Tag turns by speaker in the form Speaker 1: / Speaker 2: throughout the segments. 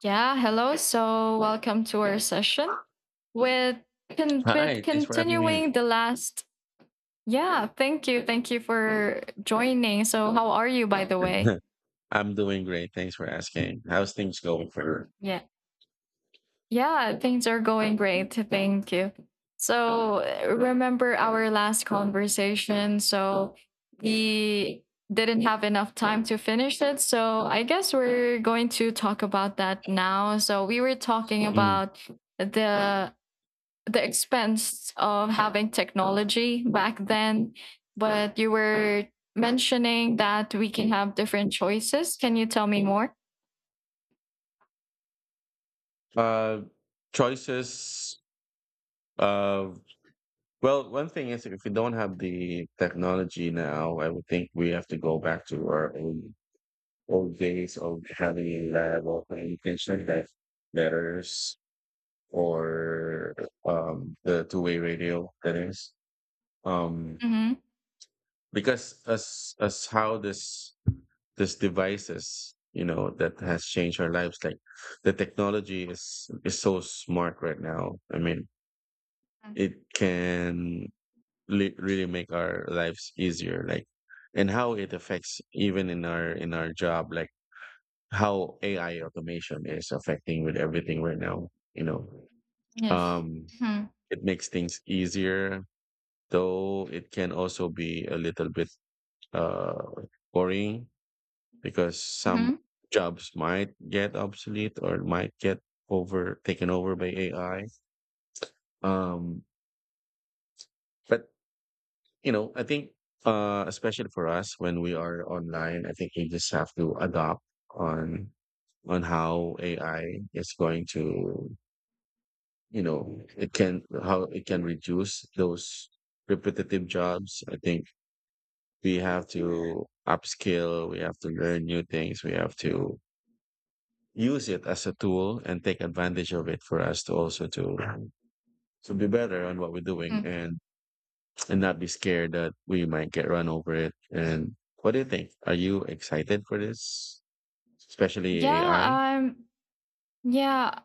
Speaker 1: Yeah, hello. So welcome to our session with with
Speaker 2: Hi, thanks for having me.
Speaker 1: continuing the last. Yeah, thank you. Thank you for joining. So how are you, by the way?
Speaker 2: I'm doing great. Thanks for asking. How's things going for her?
Speaker 1: Yeah. Yeah, things are going great. Thank you. So remember our last conversation. So we didn't have enough time to finish it. So I guess we're going to talk about that now. So we were talking
Speaker 2: Mm.
Speaker 1: about the the expense of having technology back then, but you were mentioning that we can have different choices. Can you tell me more?
Speaker 2: Uh, choices. Uh, well, one thing is if we don't have the technology now, I would think we have to go back to our old days of having a reliable communication like letters or the two-way radio, that is. um
Speaker 1: Mm-hmm.
Speaker 2: because as how this devices that has changed our lives like the technology is so smart right now. I mean, it can really make our lives easier, like and how it affects even in our job, like how AI automation is affecting with everything right now, you know
Speaker 1: Yes.
Speaker 2: um,
Speaker 1: Mm-hmm.
Speaker 2: it makes things easier, though it can also be a little bit uh boring because some
Speaker 1: Mm-hmm.
Speaker 2: jobs might get obsolete or might get over taken over by AI. Um, but I think especially for us when we are online, I think we just have to adopt on on how AI is going to, it can how it can reduce those repetitive jobs. I think we have to upskill, we have to learn new things, we have to use it as a tool and take advantage of it for us to also to be better on what we're doing and not be scared that we might get run over it. And what do you think? Are you excited for this, especially AI?
Speaker 1: Yeah, yeah,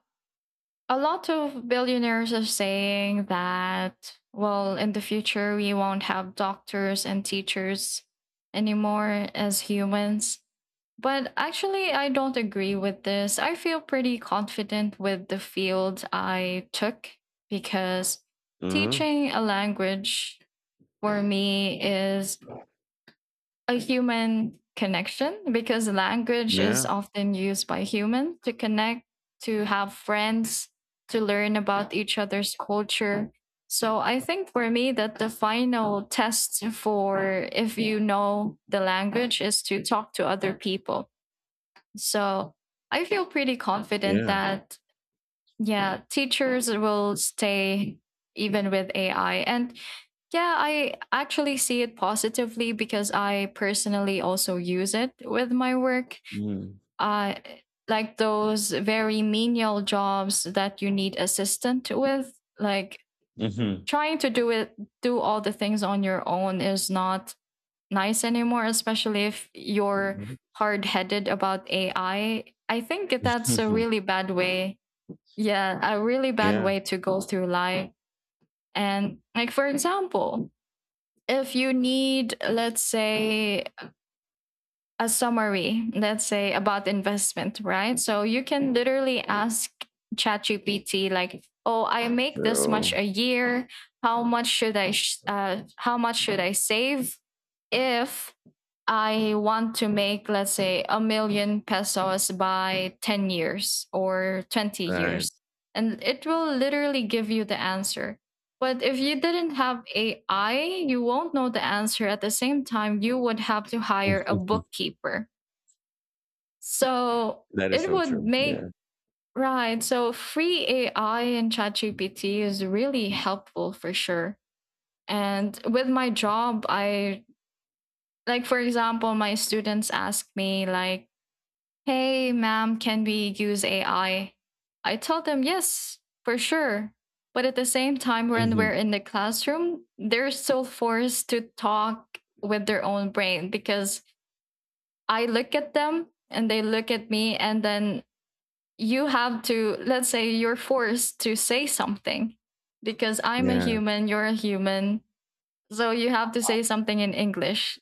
Speaker 1: a lot of billionaires are saying that, well, in the future we won't have doctors and teachers anymore as humans, but actually I don't agree with this. I feel pretty confident with the field I took, because
Speaker 2: Uh-huh.
Speaker 1: teaching a language for me is a human connection, because language is
Speaker 2: Yeah,
Speaker 1: often used by humans to connect, to have friends, to learn about each other's culture. So I think for me that the final test for if you know the language is to talk to other people. So I feel pretty confident
Speaker 2: yeah.
Speaker 1: that yeah, teachers will stay even with AI. And yeah, I actually see it positively because I personally also use it with my work.
Speaker 2: Mm.
Speaker 1: Uh, like those very menial jobs that you need assistant with, like
Speaker 2: Mm-hmm.
Speaker 1: trying to do it, do all the things on your own is not nice anymore, especially if you're hard headed about AI. I think that's a really bad way. Yeah, a really bad
Speaker 2: Yeah.
Speaker 1: way to go through life. And like, for example, if you need, let's say, a summary, let's say about investment, right? So you can literally ask ChatGPT, like, oh, I make this much
Speaker 2: So,
Speaker 1: a year, how much should how much should I save if I want to make, let's say, a million pesos by 10 years or 20
Speaker 2: right.
Speaker 1: years. And it will literally give you the answer. But if you didn't have AI, you won't know the answer. At the same time, you would have to hire a bookkeeper. So
Speaker 2: That is
Speaker 1: it
Speaker 2: so
Speaker 1: would
Speaker 2: true. Yeah.
Speaker 1: make, right? So free AI and ChatGPT is really helpful for sure. And with my job, I, like, for example, my students ask me, like, hey, ma'am, can we use AI? I tell them, yes, for sure. But at the same time, when
Speaker 2: Hmm.
Speaker 1: we're in the classroom, they're still forced to talk with their own brain, because I look at them and they look at me. And then you have to, let's say, you're forced to say something because I'm a
Speaker 2: Yeah.
Speaker 1: human, you're a human. So you have to say something in English.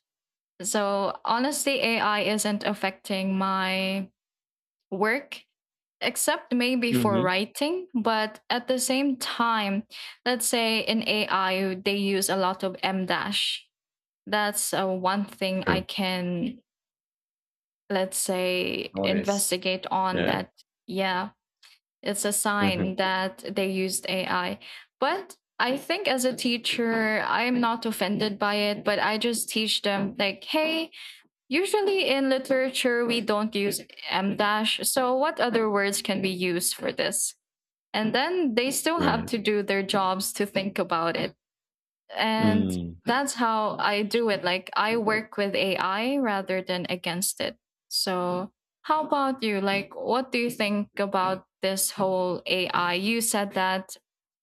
Speaker 1: So honestly, AI isn't affecting my work, except maybe for
Speaker 2: Hmm.
Speaker 1: writing. But at the same time, let's say in AI, they use a lot of m dash. That's one thing I
Speaker 2: True.
Speaker 1: can, let's say,
Speaker 2: Notice.
Speaker 1: investigate on
Speaker 2: Yeah.
Speaker 1: that. Yeah, it's a sign
Speaker 2: Hmm.
Speaker 1: that they used AI. But I think as a teacher, I'm not offended by it, but I just teach them, like, hey, usually in literature we don't use m dash, so what other words can be used for this? And then they still have
Speaker 2: Right.
Speaker 1: to do their jobs to think about it. And
Speaker 2: Mm.
Speaker 1: that's how I do it. Like, I work with AI rather than against it. So how about you? Like, what do you think about this whole AI? You said that,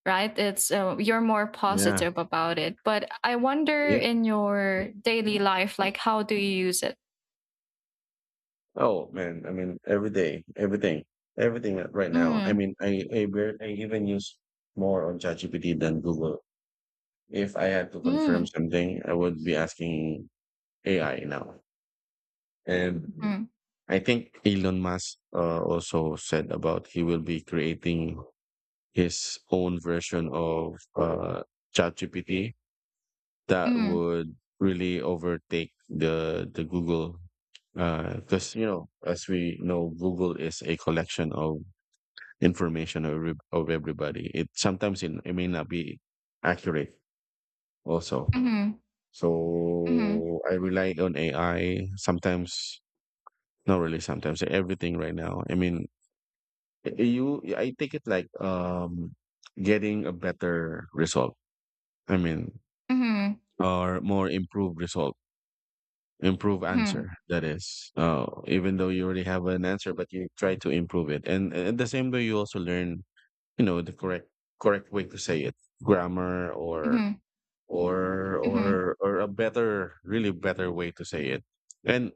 Speaker 1: right, it's you're more
Speaker 2: Yeah.
Speaker 1: positive about it, but I wonder
Speaker 2: Yeah.
Speaker 1: in your daily life, like, how do you use it?
Speaker 2: Oh man, I mean every day, everything, everything right now. I
Speaker 1: Mm,
Speaker 2: mean, I even use more on ChatGPT than Google. If I had to confirm
Speaker 1: mm,
Speaker 2: something, I would be asking AI now. And
Speaker 1: mm,
Speaker 2: I think Elon Musk also said about he will be creating his own version of ChatGPT that
Speaker 1: mm,
Speaker 2: would really overtake the Google because you know, as we know, Google is a collection of information of, of everybody. It sometimes it may not be accurate also.
Speaker 1: mm, mm, mm,
Speaker 2: So I rely on AI sometimes, not really sometimes. Everything right now. I mean, you I take it like getting a better result. I mean,
Speaker 1: mm,
Speaker 2: or more improved result, improve
Speaker 1: mm,
Speaker 2: answer, that is even though you already have an answer but you try to improve it and at the same way you also learn, you know, the correct way to say it, grammar, or
Speaker 1: mm, mm.
Speaker 2: or a better, really better way to say it. And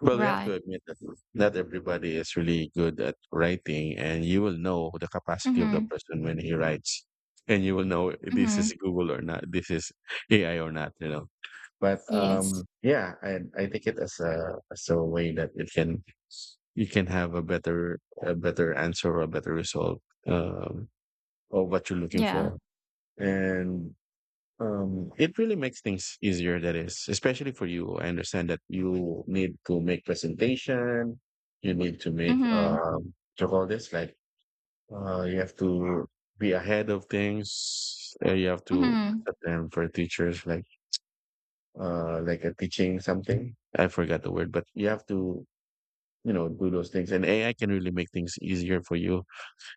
Speaker 2: well, you have to
Speaker 1: Right.
Speaker 2: admit that not everybody is really good at writing and you will know the capacity of the
Speaker 1: Mhm,
Speaker 2: person when he writes, and you will know this is
Speaker 1: mhm,
Speaker 2: Google or not, this is AI or not, but
Speaker 1: yes.
Speaker 2: yeah, I take it as a way that you can have a better, a better answer or a better result, um, of what you're looking
Speaker 1: Yeah.
Speaker 2: for, and it really makes things easier. That is, especially for you. I understand that you need to make presentation, you need to make
Speaker 1: Mhm,
Speaker 2: to call this like you have to be ahead of things. You have to
Speaker 1: mhm,
Speaker 2: set them for teachers like a teaching something. I forgot the word, but you
Speaker 1: m
Speaker 2: have to, you know, do those things. And AI can really make things easier for you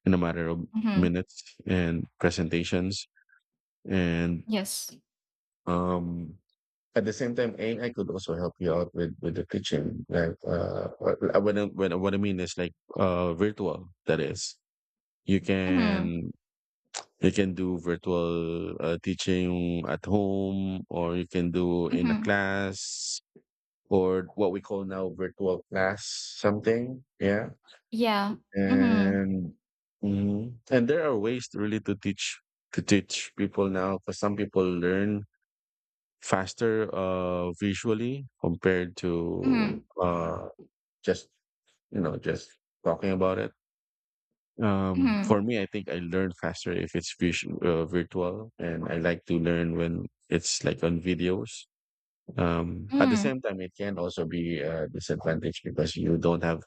Speaker 2: in a matter of
Speaker 1: mhm,
Speaker 2: minutes and presentations. And
Speaker 1: yes.
Speaker 2: um at the same time, AI could also help you out with the teaching. Like what I mean is like virtual, that is. You
Speaker 1: Mhm,
Speaker 2: can you can do virtual teaching at home or you can do in a
Speaker 1: mhm,
Speaker 2: class or what we call now virtual class something. Yeah.
Speaker 1: yeah. Mhm,
Speaker 2: And mhm, and there are ways to really to teach people now because some people learn faster visually compared to
Speaker 1: mhm,
Speaker 2: just, you know, just talking about it. For
Speaker 1: mhm,
Speaker 2: me, I think I learn faster if it's visual, virtual, and I like to learn when it's like on videos. At the
Speaker 1: mhm,
Speaker 2: same time, it can also be a disadvantage because you don't have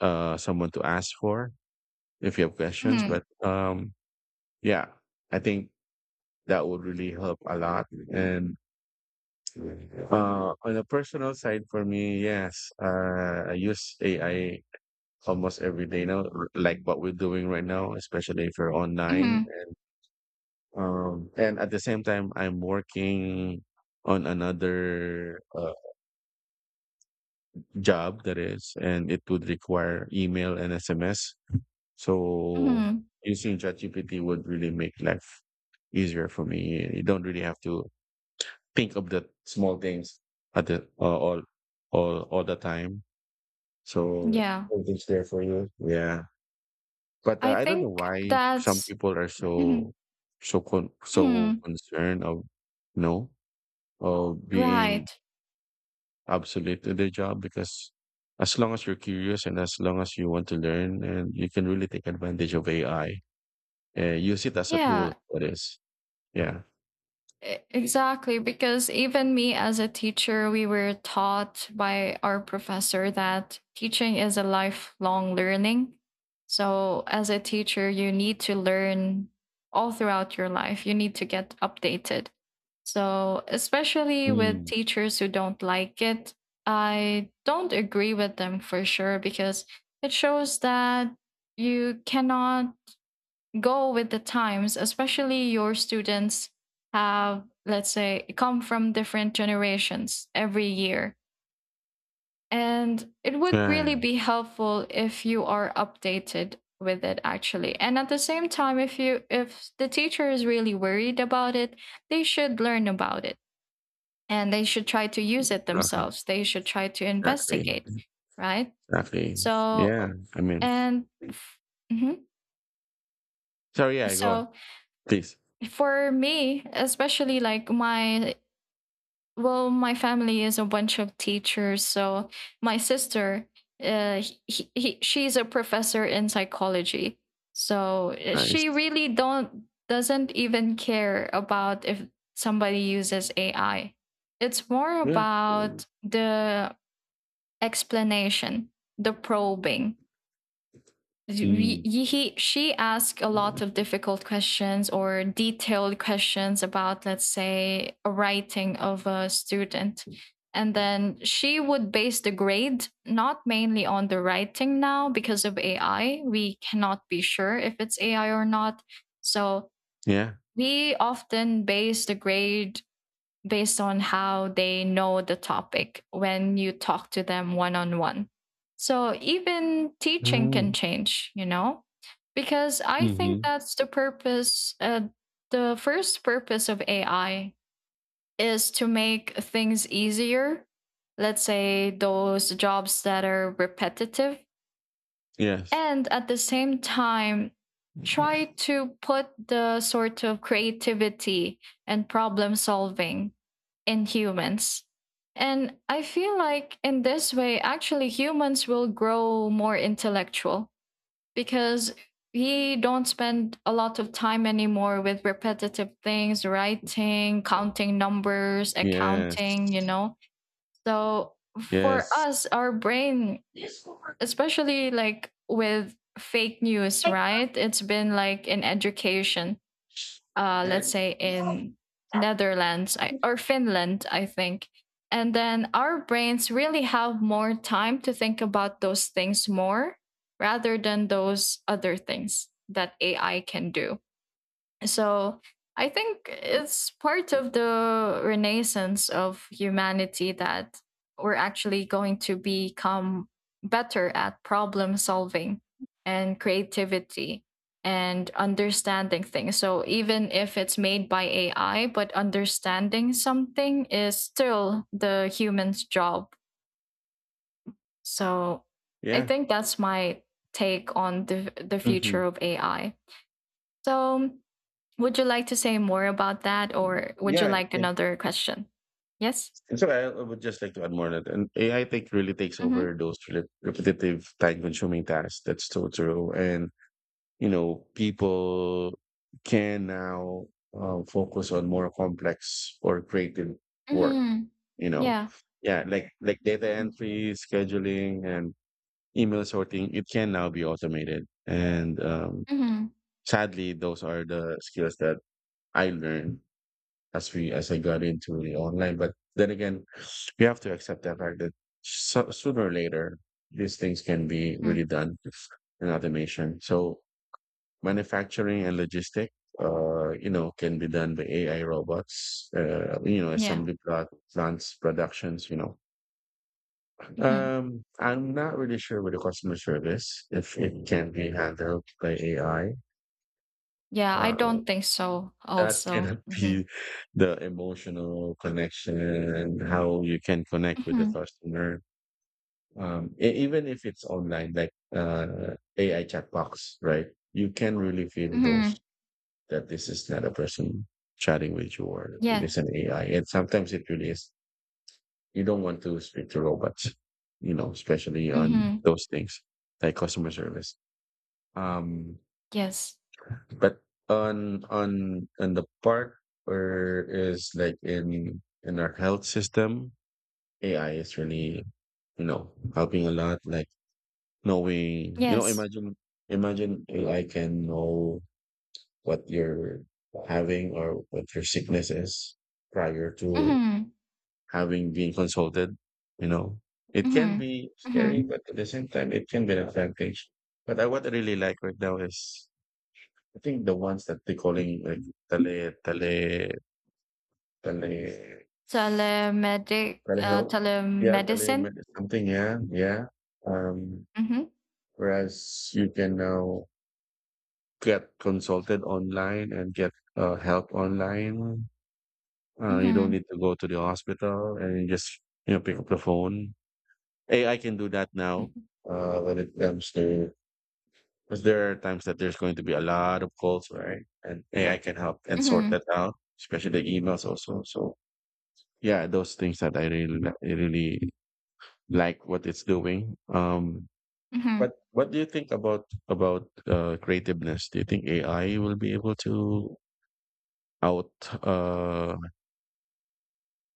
Speaker 2: someone to ask for if you have questions. But
Speaker 1: mhm,
Speaker 2: yeah, I think that would really help a lot. And on a personal side, for me, yes, I use AI almost every day now, like what we're doing right now, especially if you're online.
Speaker 1: mhm,
Speaker 2: And at the same time, I'm working on another job, that is, and it would require email and SMS. So
Speaker 1: mhm,
Speaker 2: using ChatGPT would really make life easier for me. You don't really have to think of the small things at the all the time. So
Speaker 1: yeah.
Speaker 2: everything's there for you. Yeah, but
Speaker 1: I
Speaker 2: I don't know
Speaker 1: think
Speaker 2: why some
Speaker 1: that's
Speaker 2: people are
Speaker 1: mhm,
Speaker 2: so
Speaker 1: mhm,
Speaker 2: concerned of, you know, of being
Speaker 1: right.
Speaker 2: absolutely their job, because as long as you're curious and as long as you want to learn and you can really take advantage of AI and use it as a tool,
Speaker 1: Yeah.
Speaker 2: that is. Yeah.
Speaker 1: Exactly, because even me as a teacher, we were taught by our professor that teaching is a lifelong learning. So, as a teacher, you need to learn all throughout your life, you need to get updated. So, especially with
Speaker 2: Mm.
Speaker 1: teachers who don't like it, I don't agree with them for sure, because it shows that you cannot go with the times, especially your students have, let's say, come from different generations every year. And it would
Speaker 2: Yeah.
Speaker 1: really
Speaker 2: Yeah.
Speaker 1: be helpful if you are updated with it, actually. And at the same time, if you, if the teacher is really worried about it, they should learn about it, and they should try to use it
Speaker 2: Uh-huh.
Speaker 1: themselves. They should try to
Speaker 2: Exactly.
Speaker 1: investigate, right?
Speaker 2: Exactly. Yeah.
Speaker 1: So,
Speaker 2: I mean,
Speaker 1: and mhm,
Speaker 2: sorry. Yeah. Go on,
Speaker 1: so.
Speaker 2: please.
Speaker 1: For me, especially like my, well, my family is a bunch of teachers, so my sister, uh, she's a professor in psychology, so
Speaker 2: Nice.
Speaker 1: she really don't doesn't even care about if somebody uses AI. It's more
Speaker 2: Yeah.
Speaker 1: about the explanation, the probing, we,
Speaker 2: Mm.
Speaker 1: she asked a lot of difficult questions or detailed questions about, let's say, a writing of a student. And then she would base the grade not mainly on the writing now, because of AI. We cannot be sure if it's AI or not. So
Speaker 2: Yeah.
Speaker 1: we often base the grade based on how they know the topic when you talk to them one on one. So even teaching can
Speaker 2: Mm.
Speaker 1: change, you know, because I think
Speaker 2: Mm-hmm.
Speaker 1: that's the purpose. The first purpose of AI is to make things easier. Let's say those jobs that are repetitive,
Speaker 2: Yes.
Speaker 1: and at the same time try to put the sort of creativity and problem solving in humans. And I feel like in this way, actually, humans will grow more intellectual, because we don't spend a lot of time anymore with repetitive things, writing, counting numbers,
Speaker 2: Yes.
Speaker 1: accounting, you know. So for
Speaker 2: Yes.
Speaker 1: us, our brain, especially like with fake news, right? It's been, like, in education, let's say, in Netherlands, I, or Finland, I think. And then our brains really have more time to think about those things more, rather than those other things that AI can do. So I think it's part of the renaissance of humanity, that we're actually going to become better at problem solving and creativity and understanding things. So even if it's made by AI, but understanding something is still the human's job. So I
Speaker 2: Yeah.
Speaker 1: think that's my take on the future
Speaker 2: Mm-hmm.
Speaker 1: of AI. So would you like to say more about that, or would you
Speaker 2: Yeah, I
Speaker 1: like
Speaker 2: think,
Speaker 1: another question? Yes?
Speaker 2: and so I would just like to add more on that. And AI take really takes
Speaker 1: Mhm.
Speaker 2: over those repetitive, time-consuming tasks. That's so true. And, you know, people can now focus on more complex or creative work.
Speaker 1: Mhm.
Speaker 2: You know,
Speaker 1: Yeah.
Speaker 2: yeah, like data
Speaker 1: Mhm.
Speaker 2: entry, scheduling, and email sorting. It can now be automated. And
Speaker 1: Mhm.
Speaker 2: sadly, those are the skills that I learned as we as I got into the online. But then again, we have to accept the fact that so, sooner or later these things can be
Speaker 1: Mhm.
Speaker 2: really done in automation. So manufacturing and logistic, you know, can be done by AI robots. You know,
Speaker 1: Yeah.
Speaker 2: assembly plot plants, productions. You know,
Speaker 1: Mhm.
Speaker 2: I'm not really sure with the customer service if it can be handled by AI.
Speaker 1: Yeah, I don't think so
Speaker 2: That
Speaker 1: also.
Speaker 2: cannot
Speaker 1: Mhm.
Speaker 2: be the emotional connection and how you can connect with the
Speaker 1: Mhm.
Speaker 2: customer. Even if it's online, like AI chat box, right? You can really feel those
Speaker 1: Mhm.
Speaker 2: that this is not a person chatting with you or it
Speaker 1: Yeah.
Speaker 2: is an AI. And sometimes it really is. You don't want to speak to robots, you know, especially on
Speaker 1: Mhm.
Speaker 2: those things like customer service. Um,
Speaker 1: Yes.
Speaker 2: But on the part where is like in our health system, AI is really, you know, helping a lot. Like knowing, you know,
Speaker 1: Yes.
Speaker 2: imagine AI can know what you're having or what your sickness is prior to
Speaker 1: Mhm.
Speaker 2: having been consulted. You know, it can
Speaker 1: Mhm.
Speaker 2: be scary,
Speaker 1: Mhm.
Speaker 2: but at the same time it can be an advantage. But I, what I really like right now is I think the ones that they're calling like tele tele tele telehealth. Yeah,
Speaker 1: Telemedicine?
Speaker 2: telemedicine something, yeah, yeah. Um
Speaker 1: Mhm.
Speaker 2: whereas you can now get consulted online and get help online. You don't
Speaker 1: Mhm.
Speaker 2: need to go to the hospital and you just, you know, pick up the phone. AI can do that now.
Speaker 1: Mhm.
Speaker 2: When it comes to because there are times that there's going to be a lot of calls, right? And AI can help and sort
Speaker 1: Mhm.
Speaker 2: that out, especially the emails also. So yeah, those things that I really like what it's doing.
Speaker 1: Mhm.
Speaker 2: But what do you think about creativeness? Do you think AI will be able to out uh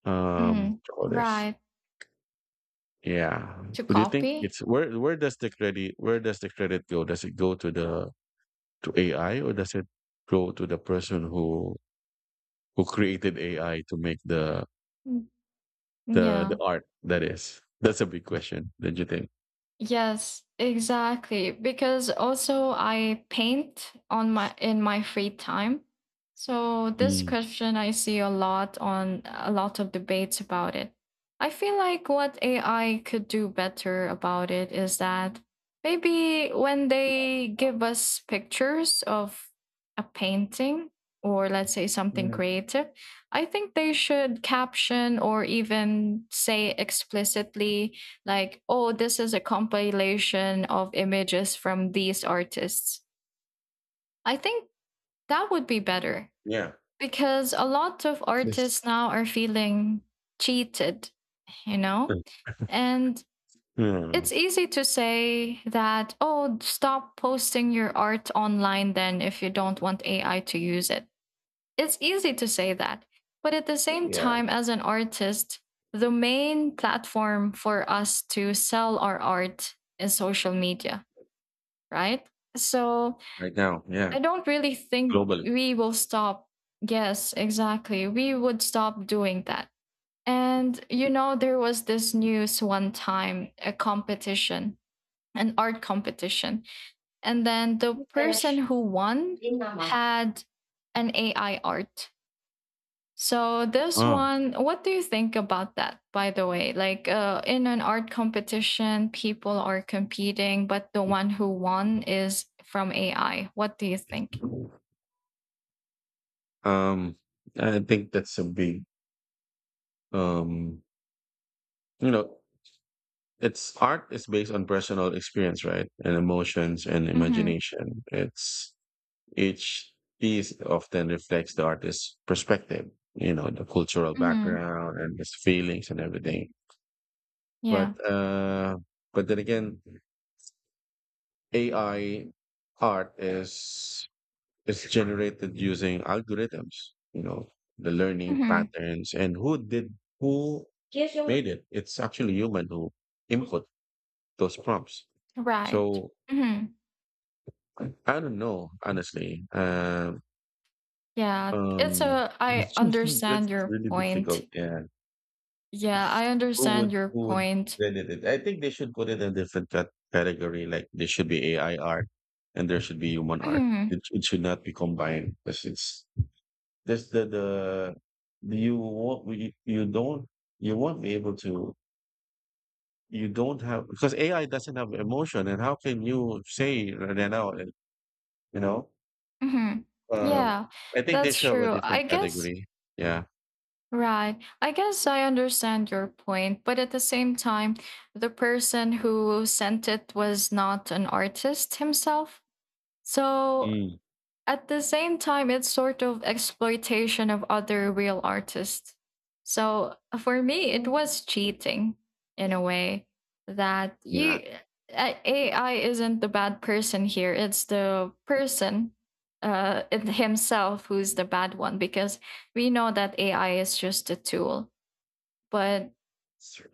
Speaker 1: Mhm.
Speaker 2: all this,
Speaker 1: Right.
Speaker 2: yeah?
Speaker 1: To
Speaker 2: Do you think
Speaker 1: copy?
Speaker 2: it's where where does the credit go? Does it go to the to AI or does it go to the person who created AI to make
Speaker 1: Mm.
Speaker 2: the
Speaker 1: Yeah.
Speaker 2: art, that is? That's a big question, don't you think?
Speaker 1: Yes, exactly. Because also I paint on my in my free time. So this
Speaker 2: Mm.
Speaker 1: question, I see a lot on a lot of debates about it. I feel like what AI could do better about it is that maybe when they give us pictures of a painting, or, let's say, something
Speaker 2: Mm.
Speaker 1: creative, I think they should caption or even say explicitly, like, oh, this is a compilation of images from these artists. I think that would be better,
Speaker 2: Yeah.
Speaker 1: because a lot of
Speaker 2: At least.
Speaker 1: artists now are feeling cheated, you know? And
Speaker 2: Hmm.
Speaker 1: it's easy to say that, oh, stop posting your art online then if you don't want AI to use it. It's easy to say that. But at the same
Speaker 2: Yeah.
Speaker 1: time, as an artist, the main platform for us to sell our art is social media, right? So
Speaker 2: Right now, yeah,
Speaker 1: I don't really think
Speaker 2: globally.
Speaker 1: we will stop. Yes, exactly. We would stop doing that. And, you know, there was this news one time, a competition, an art competition. And then the person
Speaker 2: Yes,
Speaker 1: who won
Speaker 2: yun naman.
Speaker 1: had an AI art. So this
Speaker 2: Oh,
Speaker 1: one, what do you think about that? By the way, like, in an art competition, people are competing, but the one who won is from AI. What do you think?
Speaker 2: um, I think that's a big, um, you know, it's art is based on personal experience, right? And emotions and
Speaker 1: Mm-hmm.
Speaker 2: imagination. It's each piece often reflects the artist's perspective, you know, the cultural
Speaker 1: Mm-hmm.
Speaker 2: background and his feelings and everything.
Speaker 1: Yeah.
Speaker 2: But, uh, but then again, AI art is, it's generated using algorithms, you know, the learning
Speaker 1: Mm-hmm.
Speaker 2: patterns and who did, who made it. It's actually human who input those prompts.
Speaker 1: Right.
Speaker 2: So
Speaker 1: Mm-hmm.
Speaker 2: I don't know, honestly.
Speaker 1: Yeah. It's
Speaker 2: Um,
Speaker 1: a. I
Speaker 2: that's
Speaker 1: understand your
Speaker 2: really difficult.
Speaker 1: point.
Speaker 2: Yeah.
Speaker 1: Yeah, I understand your
Speaker 2: Who would
Speaker 1: point.
Speaker 2: credit it? I think they should put it in a different category. Like there should be AI art and there should be human art.
Speaker 1: Mm-hmm.
Speaker 2: It should not be combined because it's That's the you won't you, you don't you won't be able to you don't have because AI doesn't have emotion. And how can you say right now you know
Speaker 1: Mm-hmm.
Speaker 2: um
Speaker 1: Yeah,
Speaker 2: I think they
Speaker 1: that's
Speaker 2: should have a
Speaker 1: true.
Speaker 2: different
Speaker 1: I guess.
Speaker 2: category. Yeah.
Speaker 1: Right. I guess I understand your point, but at the same time, the person who sent it was not an artist himself. So
Speaker 2: Mm.
Speaker 1: at the same time, it's sort of exploitation of other real artists. So for me, it
Speaker 2: Mm.
Speaker 1: was cheating in a way that
Speaker 2: Yeah.
Speaker 1: you. AI isn't the bad person here. It's the person himself who's the bad one, because we know that AI is just a tool. But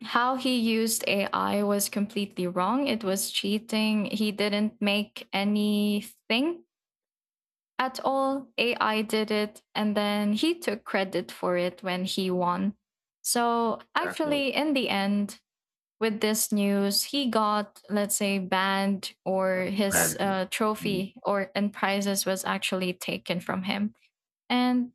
Speaker 1: how he used AI was completely wrong. It was cheating. He didn't make anything at all. AI did it, and then he took credit for it when he won. So,
Speaker 2: Exactly.
Speaker 1: actually, in the end, with this news, he got, let's say, banned, or
Speaker 2: Right.
Speaker 1: his
Speaker 2: Mm.
Speaker 1: trophy or and prizes was actually taken from him. And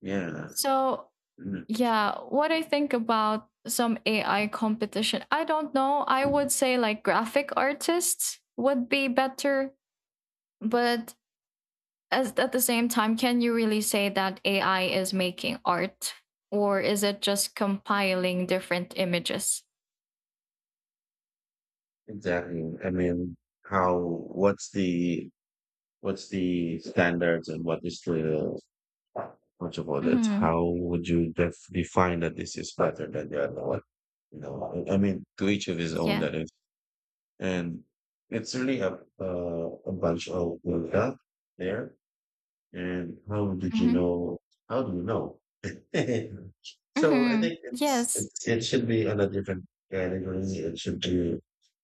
Speaker 2: Yeah.
Speaker 1: so,
Speaker 2: Mm.
Speaker 1: yeah, what I think about some AI competition, I don't know. I would say like graphic artists would be better, but as at the same time, can you really say that AI is making art, or is it just compiling different images?
Speaker 2: Exactly. I mean, how what's the what's the standards, and what is the much about it?
Speaker 1: Hmm.
Speaker 2: How would you define that this is better than the other one? I mean, to each of his own,
Speaker 1: Yeah.
Speaker 2: that is. And it's really a bunch of build there. And how did you
Speaker 1: Hmm.
Speaker 2: know? How do you know? So I
Speaker 1: Hmm.
Speaker 2: think
Speaker 1: Yes.
Speaker 2: it should be on a different category. It should be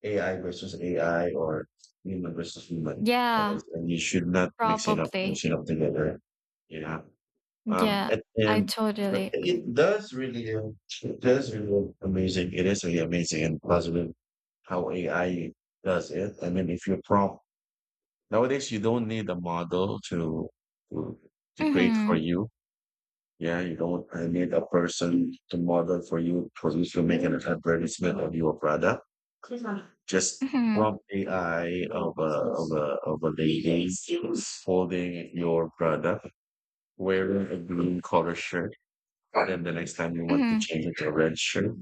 Speaker 2: AI versus AI or human versus human. That
Speaker 1: Yeah.
Speaker 2: is, and you should not mix
Speaker 1: Probably.
Speaker 2: it up together. Yeah.
Speaker 1: Yeah. I
Speaker 2: And But
Speaker 1: totally agree.
Speaker 2: it does really look amazing. It is really amazing and positive how AI does it. I mean, if you prompt nowadays, you don't need a model to, to create for
Speaker 1: Hmm.
Speaker 2: you. Yeah, you don't need a person to model for you to make an advertisement of your product. Just
Speaker 1: Hmm.
Speaker 2: prompt AI of a lady holding your product wearing a green color shirt. And then the next time you want to
Speaker 1: Hmm.
Speaker 2: change it to a red shirt,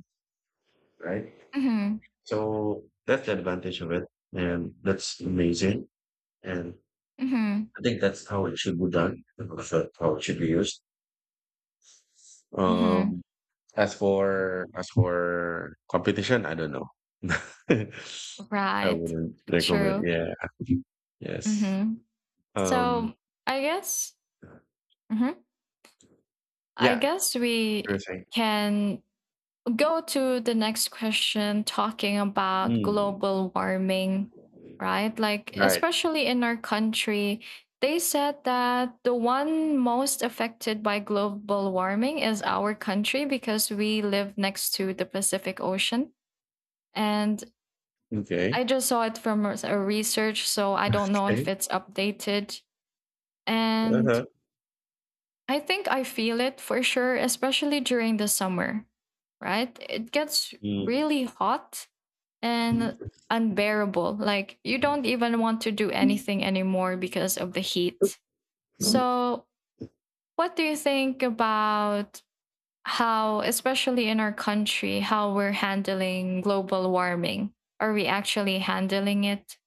Speaker 2: right?
Speaker 1: Hmm.
Speaker 2: So that's the advantage of it, and that's amazing. And
Speaker 1: Hmm.
Speaker 2: I think that's how it should be done. That's how it should be used.
Speaker 1: Hmm.
Speaker 2: Um, as for competition, I don't know. I
Speaker 1: Right.
Speaker 2: wouldn't recommend.
Speaker 1: True.
Speaker 2: Yeah. Yes.
Speaker 1: Hmm.
Speaker 2: Um.
Speaker 1: So I guess. Hmm. I
Speaker 2: Yeah.
Speaker 1: guess
Speaker 2: You are
Speaker 1: we
Speaker 2: saying.
Speaker 1: can go to the next question talking about
Speaker 2: Mm.
Speaker 1: global warming, right? Like,
Speaker 2: Right.
Speaker 1: especially in our country, they said that the one most affected by global warming is our country because we live next to the Pacific Ocean. And
Speaker 2: Okay.
Speaker 1: I just saw it from a research, so I don't know
Speaker 2: Okay.
Speaker 1: if it's updated. And
Speaker 2: Uh-huh.
Speaker 1: I think I feel it for sure, especially during the summer, right? It gets
Speaker 2: Mm.
Speaker 1: really hot and unbearable. Like you don't even want to do anything anymore because of the heat. So, what do you think about how, especially in our country, how we're handling global warming? Are we actually handling it?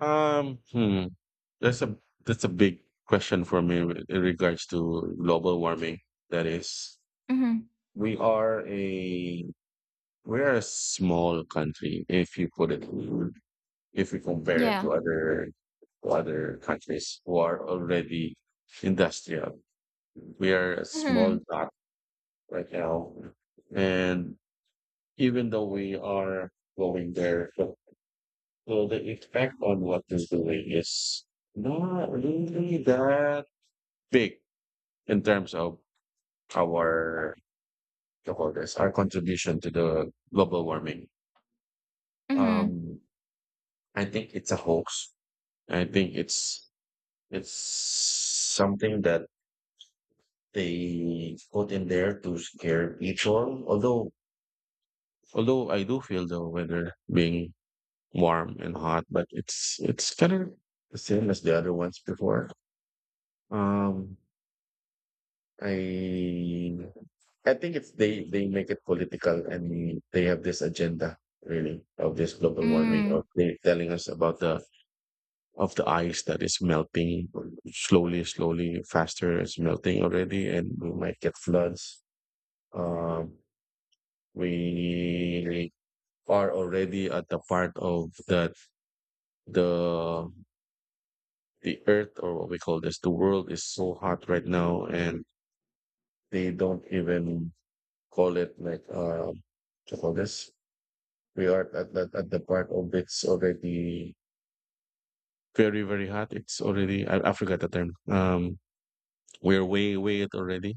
Speaker 2: Hmm. That's a that's a big question for me, in regards to global warming. That is,
Speaker 1: Hmm.
Speaker 2: we are a we are a small country, if you put it, if you compare it to
Speaker 1: Yeah.
Speaker 2: other to other countries who are already industrial. We are a small
Speaker 1: Hmm.
Speaker 2: dot right now, and even though we are going there, so the effect on what is doing is not really that big in terms of our you call this, our contribution to the global warming.
Speaker 1: Hmm.
Speaker 2: Um, I think it's a hoax. I think it's something that they put in there to scare people. Although I do feel the weather being warm and hot, but it's kind of the same as the other ones before. Um, I I think it's they make it political, and they have this agenda really of this global warming of
Speaker 1: Mm.
Speaker 2: they telling us about the of the ice that is melting slowly, slowly, faster, it's melting already, and we might get floods. Um we are already at the part of that the the earth, or what we call this, the world is so hot right now, and they don't even call it, like, to call this, we are at the part of it's already very, very hot. It's already, I forgot the term. We're way way it already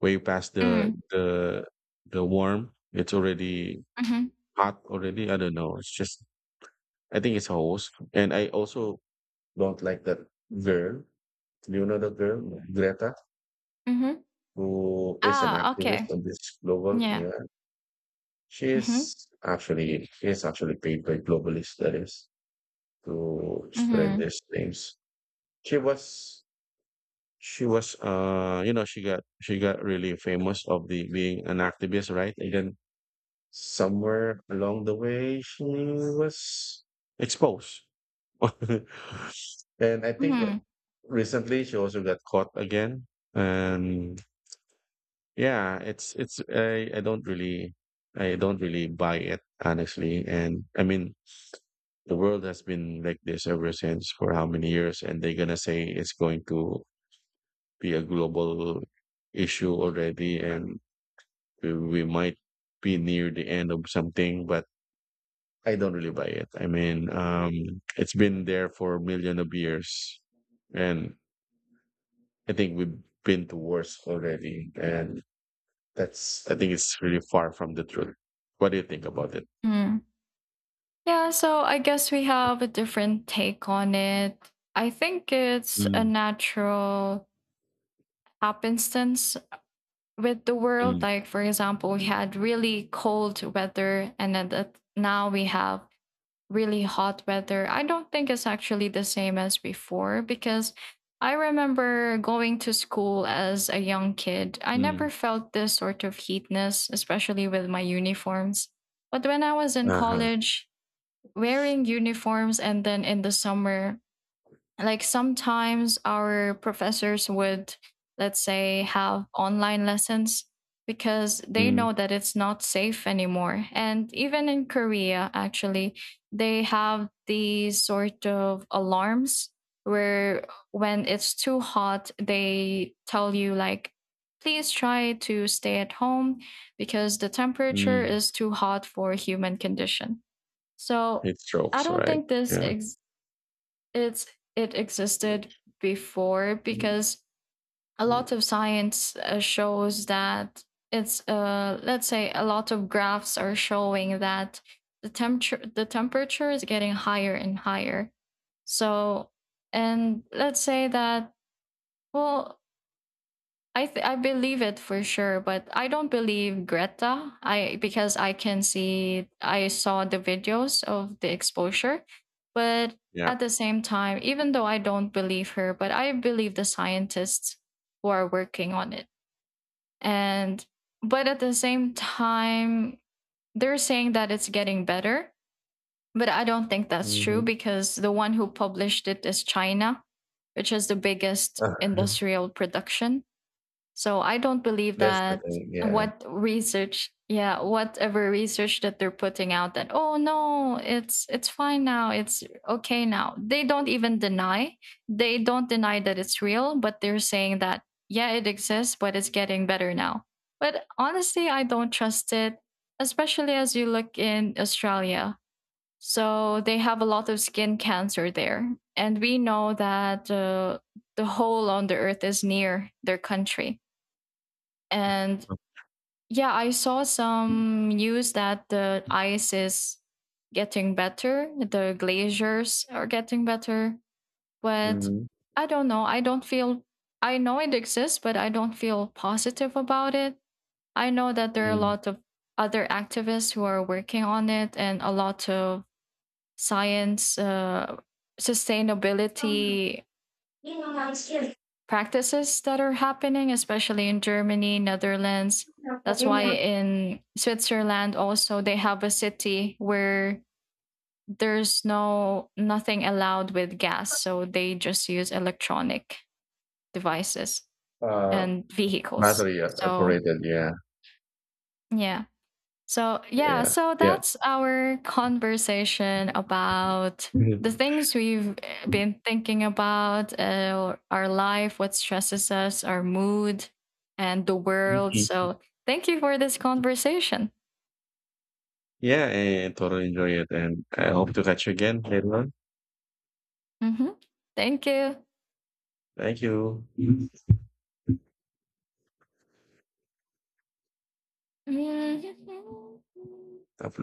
Speaker 2: way past the
Speaker 1: Mm.
Speaker 2: the the warm. It's already
Speaker 1: Mm-hmm.
Speaker 2: hot already. I don't know, it's just, I think it's a host. And I also don't like that girl. Do you know that girl, Greta,
Speaker 1: Mm-hmm.
Speaker 2: who is an
Speaker 1: Ah,
Speaker 2: activist
Speaker 1: okay.
Speaker 2: on this global?
Speaker 1: Yeah.
Speaker 2: Yeah. she
Speaker 1: Mm-hmm.
Speaker 2: is actually she is actually paid by globalists, that is, to spread
Speaker 1: Mm-hmm.
Speaker 2: these things. She was she was She got really famous of the being an activist, right? And then somewhere along the way, she was exposed. And I think
Speaker 1: Mm-hmm.
Speaker 2: recently she also got caught again. And yeah, it's I don't really buy it, honestly. And I mean, the world has been like this ever since for how many years, and they're gonna say it's going to be a global issue already, and we might be near the end of something, but I don't really buy it. I mean, it's been there for a million of years, and I think we've been to worse already, and that's I think it's really far from the truth. What do you think about it?
Speaker 1: Mm-hmm. Yeah, so I guess we have a different take on it. I think it's a
Speaker 2: Mm,
Speaker 1: natural happenstance with the world.
Speaker 2: mm,
Speaker 1: Like, for example, we had really cold weather, and then that now we have really hot weather. I don't think it's actually the same as before because I remember going to school as a young kid. I
Speaker 2: mm.
Speaker 1: never felt this sort of heatness, especially with my uniforms. But when I was in
Speaker 2: Uh-huh.
Speaker 1: college, wearing uniforms and then in the summer, like sometimes our professors would, let's say, have online lessons because they
Speaker 2: Mm,
Speaker 1: know that it's not safe anymore. And even in Korea, actually, they have these sort of alarms where, when it's too hot, they tell you like please try to stay at home because the temperature
Speaker 2: mm.
Speaker 1: is too hot for human condition. So
Speaker 2: It
Speaker 1: I
Speaker 2: strokes,
Speaker 1: don't
Speaker 2: right?
Speaker 1: think
Speaker 2: Yeah.
Speaker 1: it's it existed before because a lot of science shows that it's let's say a lot of graphs are showing that the temperature is getting higher and higher. So, and let's say that, well, I believe it for sure, but I don't believe Greta. I, because I can see, I saw the videos of the exposure, but
Speaker 2: Yeah.
Speaker 1: at the same time, even though I don't believe her, but I believe the scientists who are working on it. And but at the same time, they're saying that it's getting better, but I don't think that's true
Speaker 2: Mhm.
Speaker 1: because the one who published it is China, which is the biggest industrial production. So I don't believe
Speaker 2: That's the
Speaker 1: that,
Speaker 2: thing, yeah.
Speaker 1: what research, yeah, whatever research that they're putting out that oh no, it's fine now, it's okay now. They don't even deny. They don't deny that it's real, but they're saying that yeah, it exists, but it's getting better now. But honestly, I don't trust it, especially as you look in Australia. So they have a lot of skin cancer there, and we know that the hole on the earth is near their country. And yeah, I saw some news that the ice is getting better, the glaciers are getting better, but
Speaker 2: Mhm.
Speaker 1: I don't know. I don't feel, I know it exists, but I don't feel positive about it. I know that there are a
Speaker 2: Mm.
Speaker 1: lot of other activists who are working on it and a lot of science sustainability practices that are happening, especially in Germany, Netherlands. That's why in Switzerland also they have a city where there's no nothing allowed with gas, so they just use electronic devices
Speaker 2: Uh,
Speaker 1: and vehicles.
Speaker 2: battery
Speaker 1: So
Speaker 2: operated, yeah,
Speaker 1: yeah. So, yeah,
Speaker 2: yeah,
Speaker 1: so
Speaker 2: yeah.
Speaker 1: that's our conversation about the
Speaker 2: Mhm.
Speaker 1: things we've been thinking about, our life, what stresses us, our mood, and the world.
Speaker 2: Mhm.
Speaker 1: So, thank you for this conversation.
Speaker 2: Yeah, I totally enjoy it, and I hope to catch you again later on.
Speaker 1: Hmm. Thank you.
Speaker 2: Thank you. God
Speaker 1: Mm-hmm.
Speaker 2: bless.